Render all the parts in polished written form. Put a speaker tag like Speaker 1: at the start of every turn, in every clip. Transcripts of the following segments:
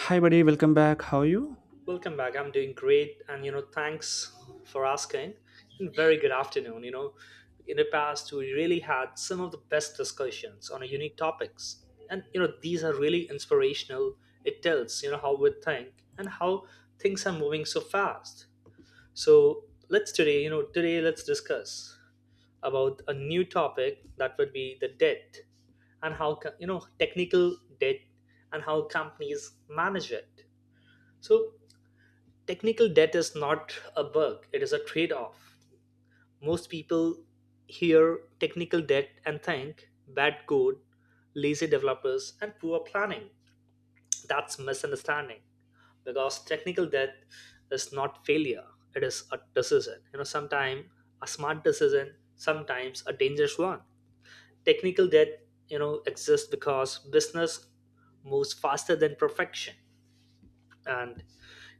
Speaker 1: Hi, buddy. Welcome back. How are you?
Speaker 2: Welcome back. I'm doing great, and thanks for asking. And very good afternoon. In the past, we really had some of the best discussions on unique topics, and these are really inspirational. It tells how we think and how things are moving so fast. So let's today, you know, today let's discuss about a new topic that would be the debt and how technical debt and how companies manage it. So technical debt is not a bug, it is a trade off. Most people hear technical debt and think bad code, lazy developers, and poor planning. That's misunderstanding because technical debt is not failure, it is a decision. Sometimes a smart decision, sometimes a dangerous one. Technical debt exists because business moves faster than perfection, and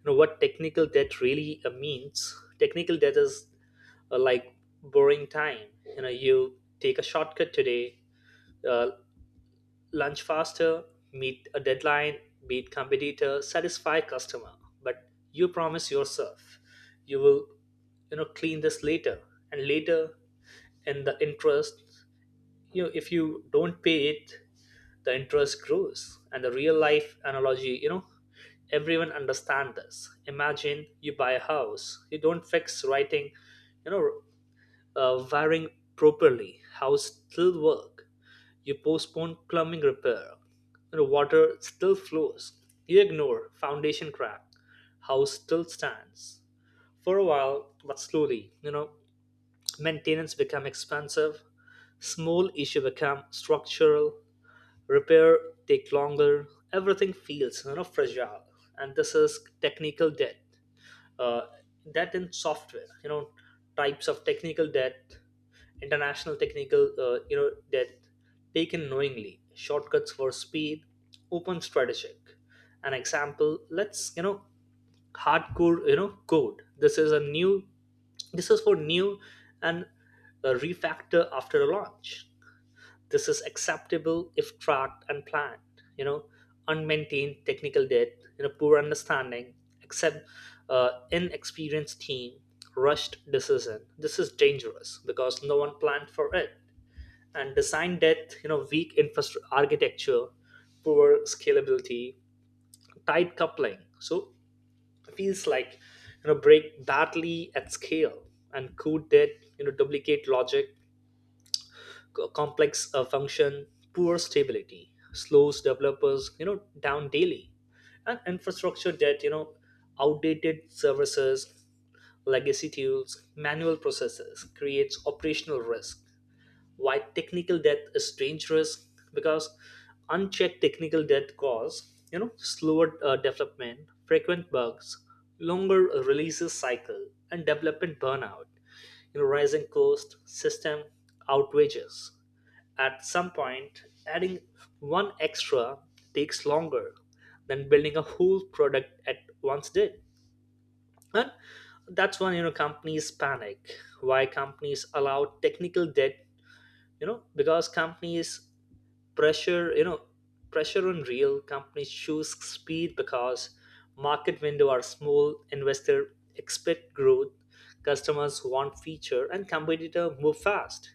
Speaker 2: know what technical debt really means. Technical debt is like borrowing time. You know, you take a shortcut today, uh, lunch faster, meet a deadline, beat competitor, satisfy customer, but you promise yourself you will, clean this later, and later. And the interest, if you don't pay it, the interest grows. And the real life analogy, everyone understand this. Imagine you buy a house, you don't fix writing you know wiring properly, house still work. You postpone plumbing repair, water still flows. You ignore foundation crack, house still stands for a while, but slowly, maintenance become expensive, small issue become structural, repair take longer, everything feels fragile. And this is technical debt. Uh, debt in software, types of technical debt, international technical debt taken knowingly, shortcuts for speed, open strategic. An example, let's hardcore code. This is for new and refactor after a launch. This is acceptable if tracked and planned. You know, unmaintained technical debt, poor understanding, except inexperienced team, rushed decision. This is dangerous because no one planned for it. And design debt, weak infrastructure architecture, poor scalability, tight coupling. So feels like, break badly at scale, and could that, duplicate logic, complex function, poor stability slows developers down daily, and infrastructure that, outdated services, legacy tools, manual processes creates operational risk. Why technical debt is dangerous: because unchecked technical debt cause, slower development, frequent bugs, longer releases cycle, and development burnout, rising cost, system outrages. At some point, adding one extra takes longer than building a whole product at once did, and that's when, companies panic. Why companies allow technical debt, because companies pressure, pressure on real companies choose speed because market window are small, investor expect growth, customers want feature, and competitor move fast.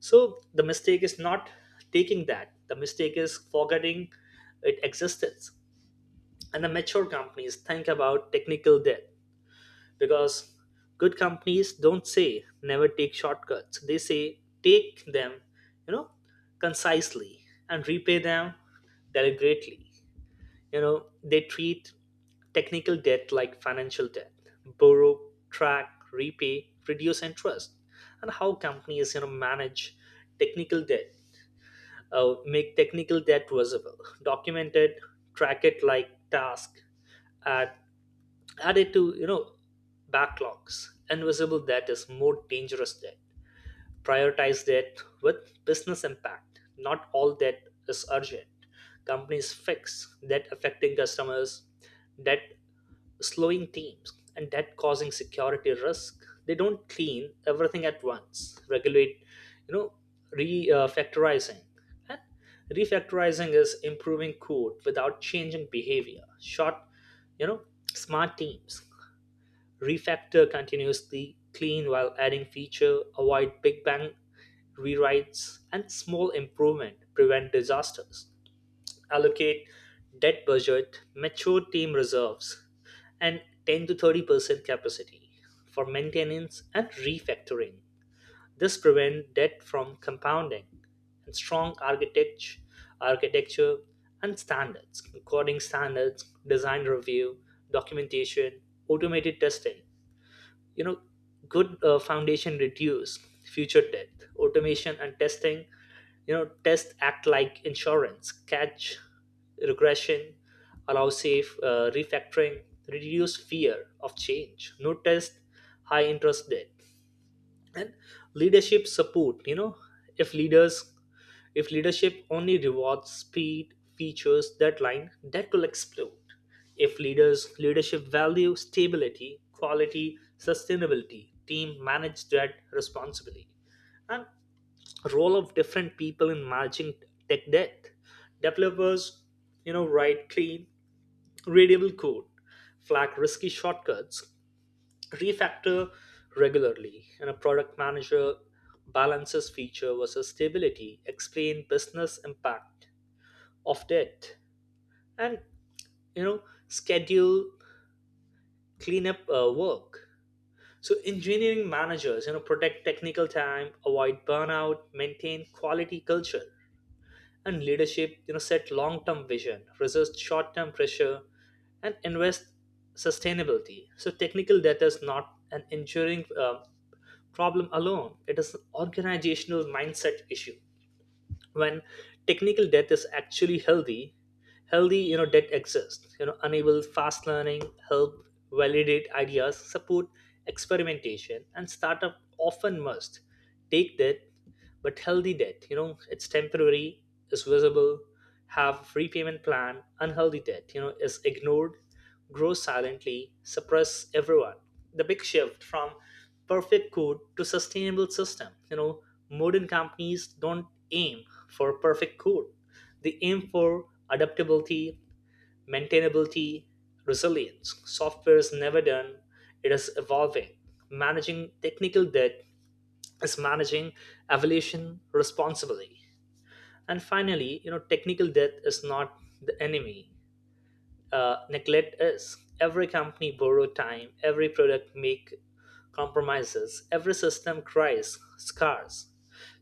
Speaker 2: So the mistake is not taking that, the mistake is forgetting its existence. And the mature companies think about technical debt because good companies don't say never take shortcuts, they say take them, you know concisely, and repay them deliberately. You know, they treat technical debt like financial debt: borrow, track, repay, reduce interest. And how companies, manage technical debt. Make technical debt visible, documented, track it like task, at added to, backlogs. Invisible debt is more dangerous debt. Prioritize debt with business impact, not all debt is urgent. Companies fix debt affecting customers, debt slowing teams, and debt causing security risk. They don't clean everything at once, regulate, you know refactorizing. And refactorizing is improving code without changing behavior short, you know smart teams refactor continuously, clean while adding feature, avoid big bang rewrites, and small improvement, prevent disasters, allocate debt budget, mature team reserves, and 10 to 30% capacity for maintenance and refactoring. This prevents debt from compounding. And strong architecture and standards, coding standards, design review, documentation, automated testing, you know good foundation reduce future debt. Automation and testing, test act like insurance, catch regression, allow safe refactoring, reduce fear of change, no test, high interest debt. And leadership support, if leaders if leadership only rewards speed features deadline, that will explode. If leadership value stability, quality, sustainability, team manage that responsibly. And role of different people in managing tech debt: developers, write clean, readable code, flag risky shortcuts, refactor regularly. And a product manager balances feature versus stability, explain business impact of debt, and, you know schedule cleanup work. So engineering managers, protect technical time, avoid burnout, maintain quality culture. And leadership, set long term vision, resist short term pressure, and invest sustainability. So technical debt is not an enduring problem alone. It is an organizational mindset issue. When technical debt is actually healthy, healthy, debt exists. Enable fast learning, help validate ideas, support experimentation, and startup often must take debt, but healthy debt. It's temporary, it's visible, have free payment plan. Unhealthy debt, is ignored, grows silently, suppress everyone. The big shift from perfect code to sustainable system. Modern companies don't aim for perfect code. They aim for adaptability, maintainability, resilience. Software is never done. It is evolving. Managing technical debt is managing evolution responsibly. And finally, technical debt is not the enemy. Neglect is. Every company borrow time. Every product make compromises. Every system cries scars.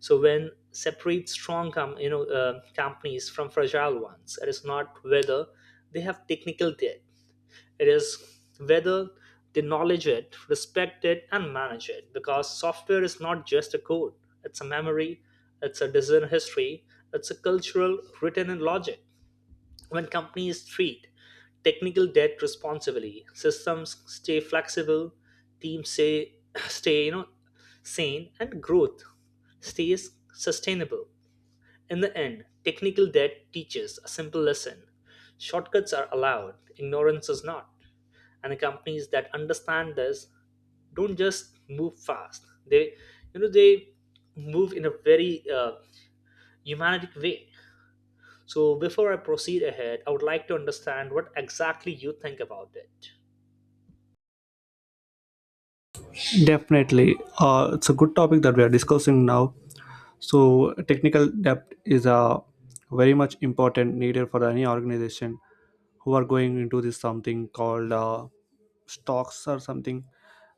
Speaker 2: So when separate strong companies from fragile ones, it is not whether they have technical debt. It is whether they knowledge it, respect it, and manage it. Because software is not just a code, it's a memory, it's a design history, it's a cultural written in logic. When companies treat technical debt responsibly, systems stay flexible, teams say, stay, sane, and growth stays sustainable. In the end, technical debt teaches a simple lesson: shortcuts are allowed, ignorance is not. And the companies that understand this don't just move fast, they you know they move in a very humanistic way. So before I proceed ahead, I would like to understand what exactly you think about it.
Speaker 1: Definitely. It's a good topic that we are discussing now. So, technical depth is a very much important needed for any organization who are going into this something called stocks or something.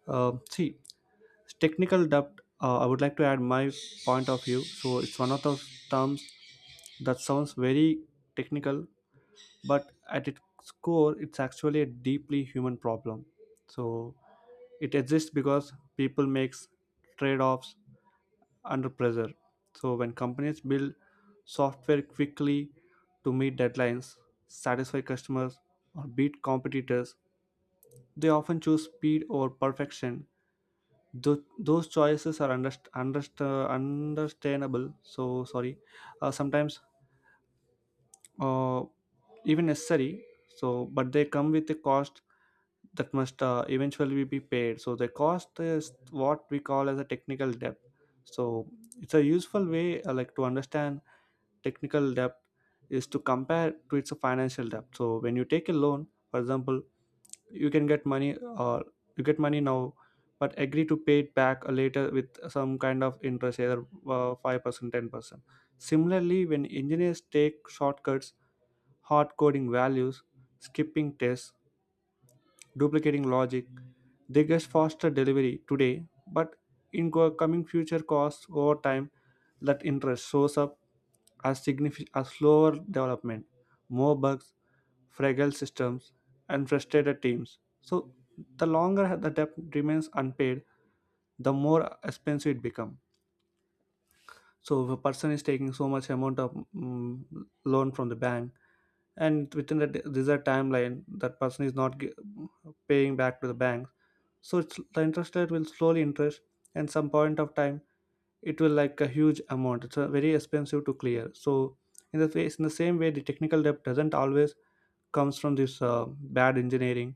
Speaker 1: See, technical depth, I would like to add my point of view. So, it's one of those terms that sounds very technical, but at its core, it's actually a deeply human problem. So, it exists because people makes trade-offs under pressure. So when companies build software quickly to meet deadlines, satisfy customers, or beat competitors, they often choose speed over perfection. Those choices are understandable. So sorry. Sometimes uh, even necessary, so but they come with a cost that must eventually be paid. So the cost is what we call as a technical debt. So it's a useful way to understand technical debt is to compare to its financial debt. So when you take a loan, for example, you can get money, or you get money now but agree to pay it back later with some kind of interest, either 5% 10%. Similarly, when engineers take shortcuts, hard coding values, skipping tests, duplicating logic. They get faster delivery today, but in coming future costs over time, that interest shows up as significant as slower development, more bugs, fragile systems, and frustrated teams. So the longer the debt remains unpaid, the more expensive it becomes. So if a person is taking so much amount of loan from the bank, and within that, desired timeline, that person is not paying back to the bank, so it's, the interest rate will slowly interest, and some point of time it will like a huge amount. It's very expensive to clear. So in the face, in the same way, the technical debt doesn't always comes from this bad engineering.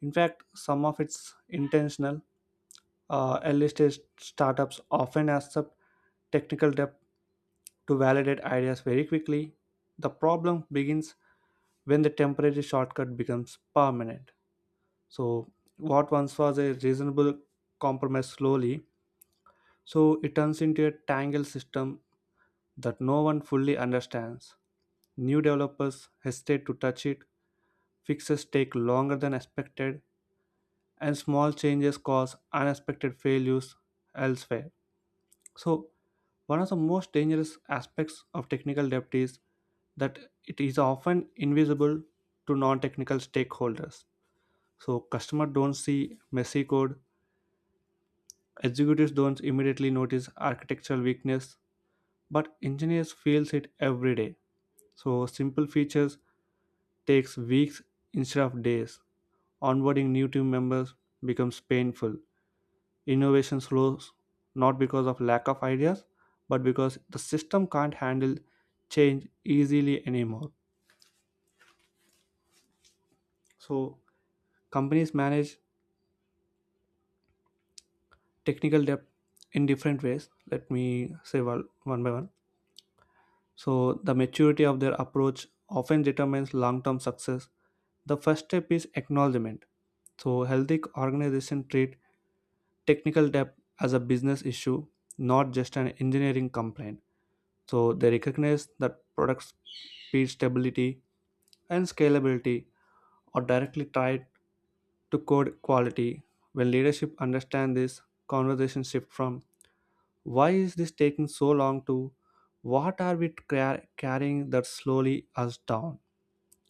Speaker 1: In fact, some of it's intentional. Early stage startups often accept technical debt to validate ideas very quickly. The problem begins when the temporary shortcut becomes permanent. So, what once was a reasonable compromise slowly, so it turns into a tangled system that no one fully understands. New developers hesitate to touch it, fixes take longer than expected, and small changes cause unexpected failures elsewhere. So, one of the most dangerous aspects of technical debt is that it is often invisible to non technical stakeholders. So, customers don't see messy code, executives don't immediately notice architectural weakness, but engineers feels it every day. So, simple features takes weeks instead of days. Onboarding new team members becomes painful. Innovation slows, not because of lack of ideas, but because the system can't handle change easily anymore. So companies manage technical debt in different ways. Let me say one by one. So the maturity of their approach often determines long-term success. The first step is acknowledgement. So healthy organizations treat technical debt as a business issue, not just an engineering complaint. So they recognize that products speed stability and scalability are directly tied to code quality. When leadership understand this, conversation shift from why is this taking so long to what are we carrying that slowly us down.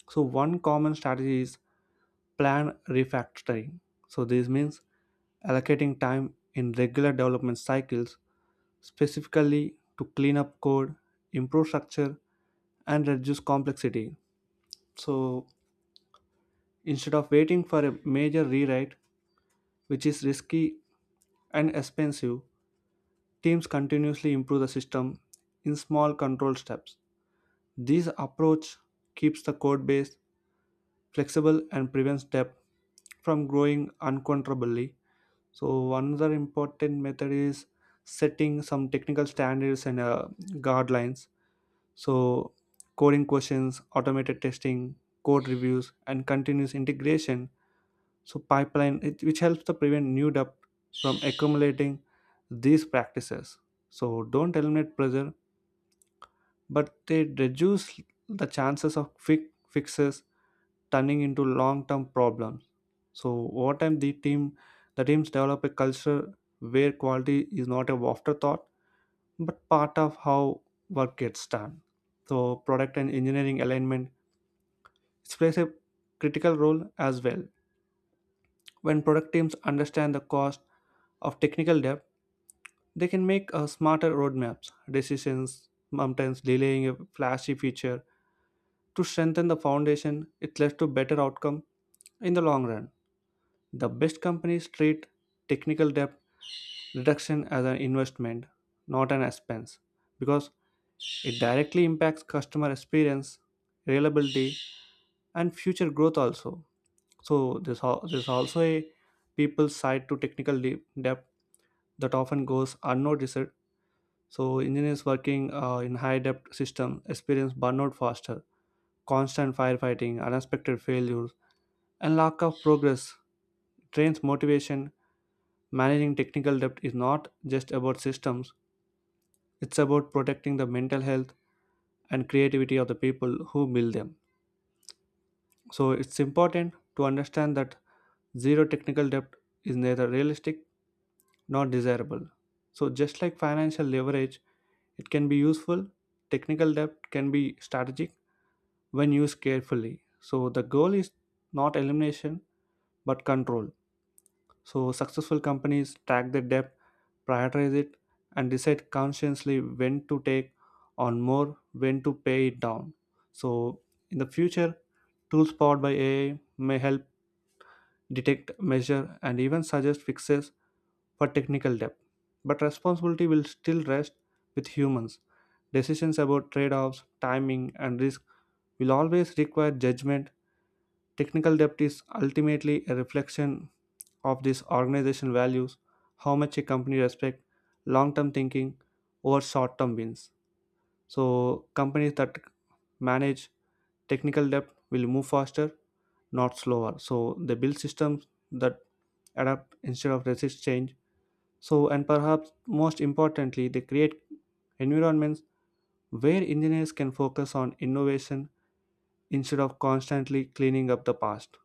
Speaker 1: So one common strategy is plan refactoring. So this means allocating time in regular development cycles specifically to clean up code, improve structure and reduce complexity. So instead of waiting for a major rewrite, which is risky and expensive, teams continuously improve the system in small controlled steps. This approach keeps the code base flexible and prevents debt from growing uncontrollably. So another important method is setting some technical standards and guidelines. So coding questions, automated testing, code reviews, and continuous integration. So pipeline, it, which helps to prevent new debt from accumulating these practices. So don't eliminate pressure, but they reduce the chances of quick fixes turning into long-term problems. So over time, the teams develop a culture where quality is not a afterthought, but part of how work gets done. So product and engineering alignment, it plays a critical role as well. When product teams understand the cost of technical debt, they can make smarter roadmaps, decisions, sometimes delaying a flashy feature to strengthen the foundation. It leads to better outcome in the long run. The best companies treat technical debt reduction as an investment, not an expense, because it directly impacts customer experience, reliability, and future growth also. So there's also a people's side to technical debt that often goes unnoticed. So engineers working in high depth systems experience burnout faster, constant firefighting, unexpected failures, and lack of progress drains motivation. Managing technical debt is not just about systems. It's about protecting the mental health and creativity of the people who build them. So it's important to understand that zero technical debt is neither realistic nor desirable. So just like financial leverage, it can be useful, technical debt can be strategic when used carefully. So the goal is not elimination but control. So, successful companies track their debt, prioritize it, and decide consciously when to take on more, when to pay it down. So, in the future, tools powered by AI may help detect, measure, and even suggest fixes for technical debt. But responsibility will still rest with humans. Decisions about trade offs, timing, and risk will always require judgment. Technical debt is ultimately a reflection of this organization values, how much a company respects long term thinking over short term wins. So companies that manage technical debt will move faster, not slower. So they build systems that adapt instead of resist change. So and perhaps most importantly, they create environments where engineers can focus on innovation instead of constantly cleaning up the past.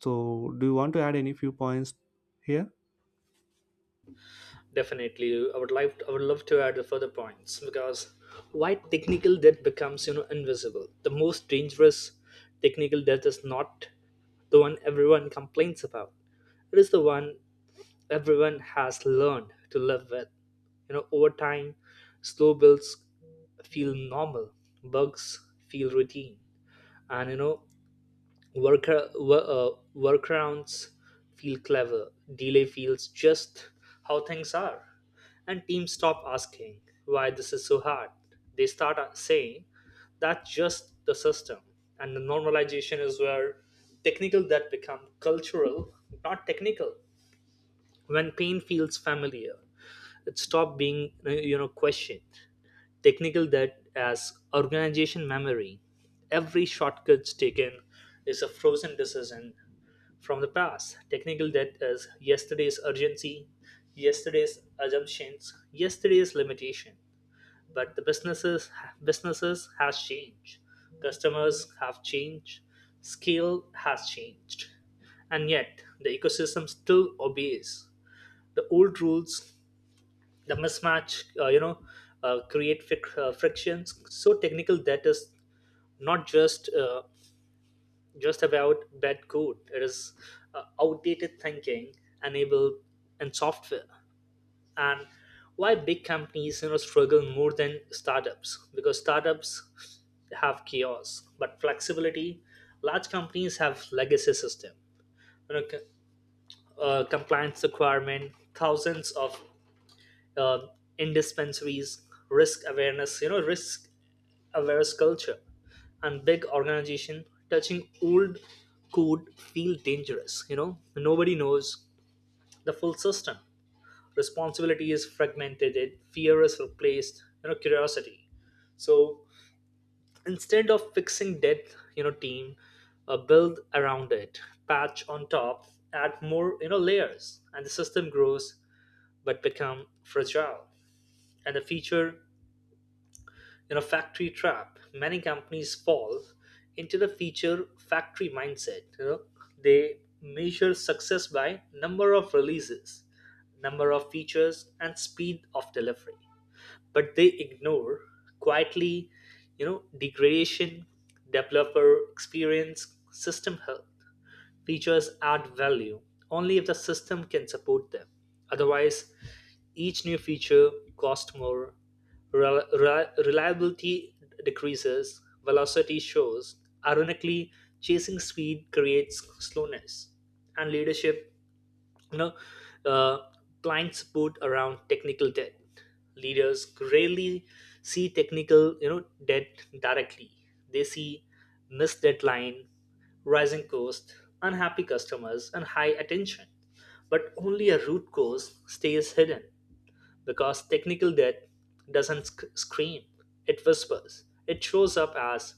Speaker 1: So do you want to add any few points here?
Speaker 2: Definitely, I would love to add the further points, because why technical debt becomes, invisible. The most dangerous technical debt is not the one everyone complains about, it is the one everyone has learned to live with. Over time, slow builds feel normal, bugs feel routine, and, work, uh, workarounds feel clever. Delay feels just how things are, and teams stop asking why this is so hard. They start saying that's just the system. And the normalization is where technical that become cultural, not technical. When pain feels familiar, it stopped being, question. Technical that as organization memory, every shortcuts taken is a frozen decision from the past. Technical debt is yesterday's urgency, yesterday's assumptions, yesterday's limitation. But the businesses businesses has changed, customers have changed, scale has changed, and yet the ecosystem still obeys the old rules. The mismatch, create frictions. So technical that is not just about bad code, it is outdated thinking enabled in software. And why big companies, struggle more than startups, because startups have chaos but flexibility. Large companies have legacy system, you know c- compliance requirement, thousands of uh, in dispensaries, risk awareness, risk awareness culture, and big organization touching old code feel dangerous. Nobody knows the full system. Responsibility is fragmented. It, fear is replaced, curiosity. So instead of fixing that, team, build around it, patch on top, add more, layers, and the system grows but become fragile. And the future, in a factory trap. Many companies fall into the feature factory mindset. They measure success by number of releases, number of features, and speed of delivery, but they ignore quietly, degradation, developer experience, system health. Features add value only if the system can support them. Otherwise, each new feature costs more, reliability decreases, velocity shows. Ironically, chasing speed creates slowness. And leadership, you know, uh, blind support around technical debt. Leaders rarely see technical, debt directly. They see missed deadline, rising cost, unhappy customers, and high attention. But only a root cause stays hidden because technical debt doesn't scream, it whispers. It shows up as: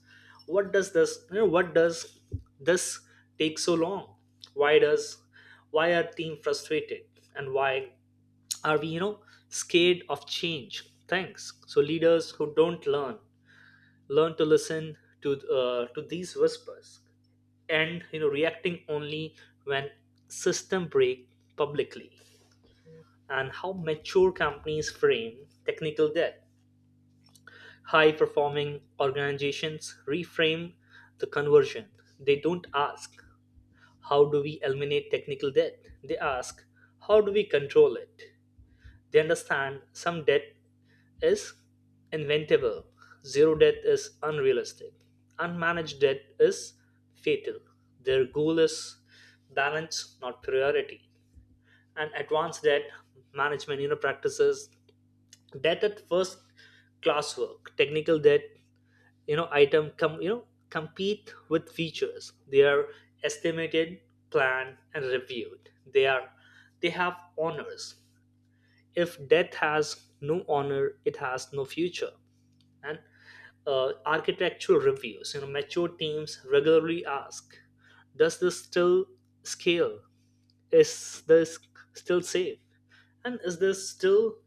Speaker 2: what does this, this take so long? Why does why are team frustrated, and why are we, scared of change? Thanks. So leaders who don't learn to listen to to these whispers, and, reacting only when system break publicly. And how mature companies frame technical debt. High performing organizations reframe the conversion. They don't ask, "How do we eliminate technical debt?" They ask, "How do we control it?" They understand some debt is inventable, zero debt is unrealistic, unmanaged debt is fatal. Their goal is balance, not priority. And advanced debt management practices that at first class work technical debt, item come compete with features, they are estimated, planned and reviewed. They are, they have honors. If death has no honor, it has no future. And architectural reviews, mature teams regularly ask, does this still scale, is this still safe, and is this still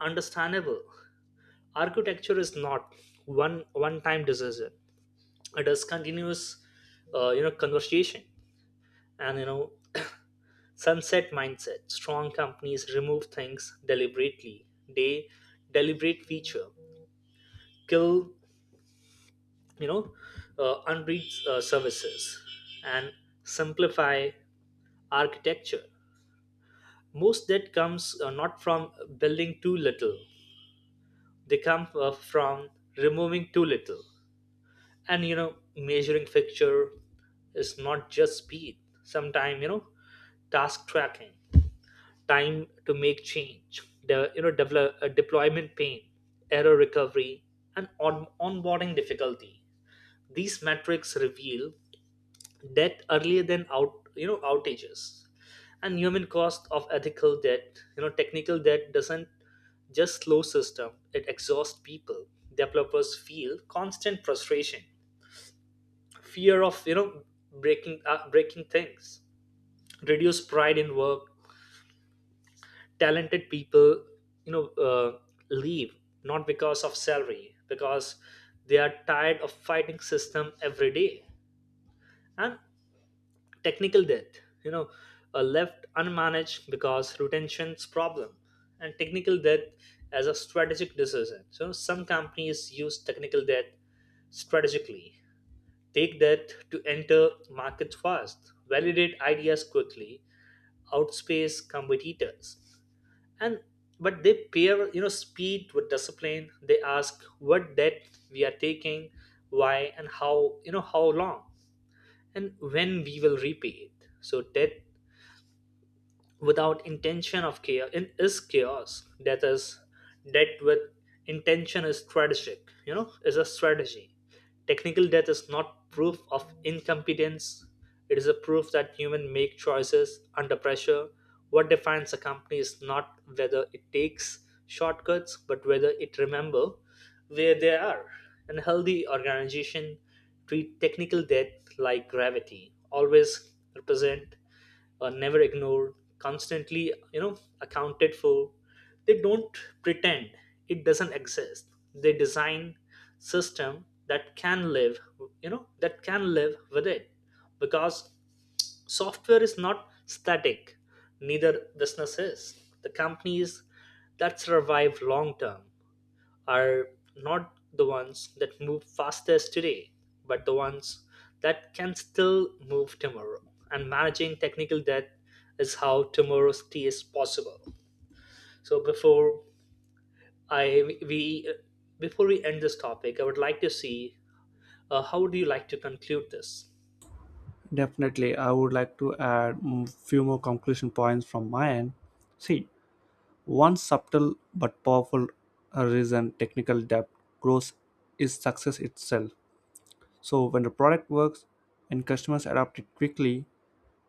Speaker 2: understandable? Architecture is not one one time decision, it is continuous conversation. And sunset mindset, strong companies remove things deliberately. They deliberate feature kill, you know unread services, and simplify architecture. Most that comes not from building too little, they come from removing too little. And measuring fixture is not just speed, sometimes task tracking, time to make change, the deployment pain, error recovery, and onboarding difficulty. These metrics reveal debt earlier than out outages. And human cost of ethical debt, technical debt doesn't just slow system, it exhausts people. Developers feel constant frustration, fear of breaking things, reduce pride in work. Talented people you know uh, leave, not because of salary, because they are tired of fighting system every day. And technical debt, left unmanaged because retention's problem. And technical debt as a strategic decision, so some companies use technical debt strategically. Take that to enter markets fast, validate ideas quickly, outspace competitors. And but they pair, speed with discipline. They ask, what debt we are taking, why and how, how long, and when we will repay it. So debt without intention of chaos in is chaos. That is, death with intention is strategic, is a strategy. Technical death is not proof of incompetence, it is a proof that humans make choices under pressure. What defines a company is not whether it takes shortcuts, but whether it remember where they are. And healthy organization treat technical debt like gravity, always represent, never ignored, constantly accounted for. They don't pretend it doesn't exist, they design system that can live, that can live with it. Because software is not static, neither business is. The companies that survive long term are not the ones that move fastest today, but the ones that can still move tomorrow. And managing technical debt is how tomorrow stays possible. So I we before we end this topic, I would like to see how would you like to conclude this?
Speaker 1: Definitely, I would like to add few more conclusion points from my end. See, one subtle but powerful reason technical debt grows is success itself. So when the product works and customers adopt it quickly,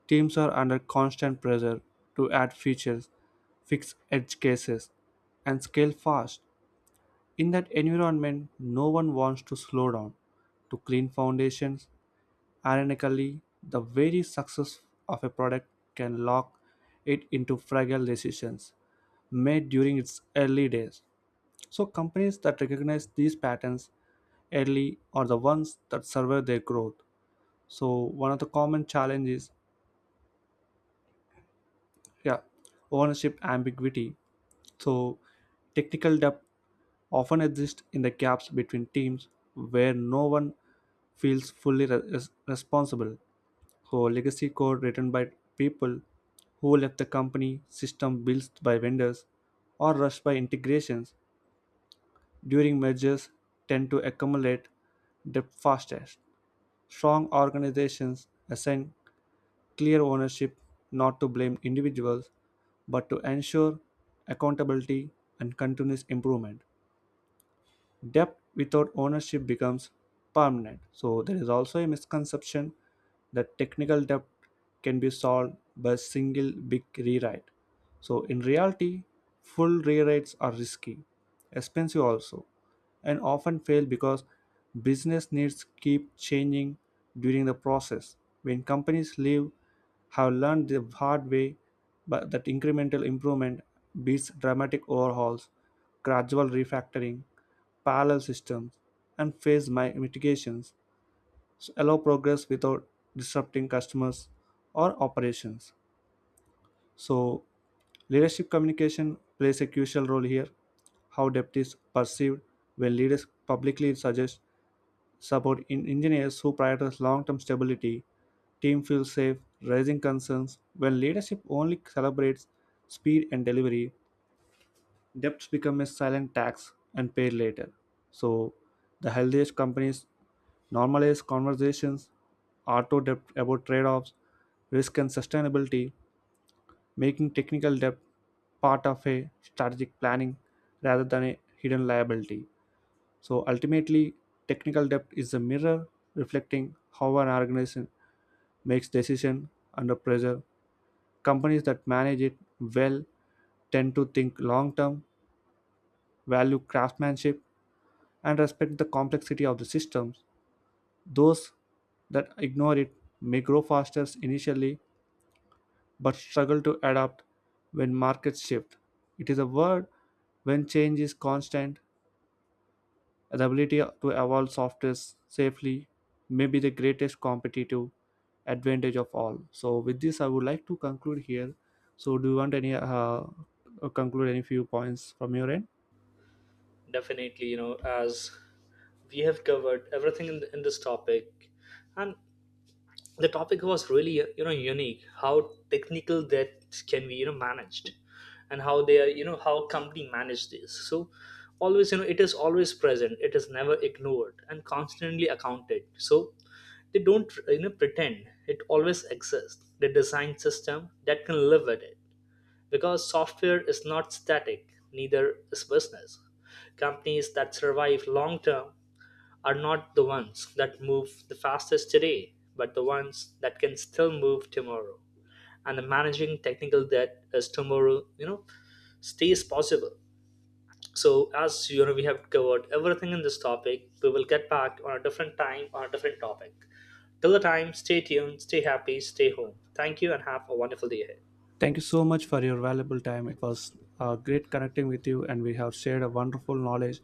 Speaker 1: teams are under constant pressure to add features, fix edge cases, and scale fast. In that environment, no one wants to slow down to clean foundations. Ironically, the very success of a product can lock it into fragile decisions made during its early days. So, companies that recognize these patterns early are the ones that survive their growth. So, one of the common challenges, yeah, ownership ambiguity. So, technical depth often exists in the gaps between teams where no one feels fully responsible. So, legacy code written by people who left the company, system built by vendors, or rushed by integrations during mergers tend to accumulate debt fastest. Strong organizations assign clear ownership, not to blame individuals but to ensure accountability and continuous improvement. Debt without ownership becomes permanent. So there is also a misconception that technical debt can be solved by a single big rewrite. So in reality, full rewrites are risky, expensive also, and often fail because business needs keep changing during the process. When companies leave have learned the hard way but that incremental improvement beats dramatic overhauls, gradual refactoring, parallel systems, and phase mitigations allow progress without disrupting customers or operations. So, leadership communication plays a crucial role here. How depth is perceived when leaders publicly suggest support in engineers who prioritize long term stability, team feels safe, raising concerns when leadership only celebrates speed and delivery. Debts become a silent tax and paid later. So, the healthiest companies normalize conversations, auto debt about trade offs, risk, and sustainability, making technical debt part of a strategic planning rather than a hidden liability. So, ultimately, technical debt is a mirror reflecting how an organization makes decisions under pressure. Companies that manage it well tend to think long term, value craftsmanship, and respect the complexity of the systems. Those that ignore it may grow faster initially but struggle to adapt when markets shift. It is a world when change is constant, the ability to evolve software safely may be the greatest competitive advantage of all. So, with this, I would like to conclude here. So, do you want any conclude any few points from your end?
Speaker 2: Definitely, as we have covered everything in this topic, and the topic was really unique, how technical debts can be managed and how they are, how company manage this. So always, it is always present, it is never ignored and constantly accounted. So they don't pretend, it always exists, they design system that can live with it, because software is not static, neither is business. Companies that survive long term are not the ones that move the fastest today, but the ones that can still move tomorrow. And the managing technical debt is tomorrow, stays possible. So as you know, we have covered everything in this topic. We will get back on a different time on a different topic. Till the time, stay tuned, stay happy, stay home. Thank you and have a wonderful day ahead.
Speaker 1: Thank you so much for your valuable time. It was great connecting with you, and we have shared a wonderful knowledge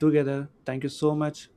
Speaker 1: together. Thank you so much.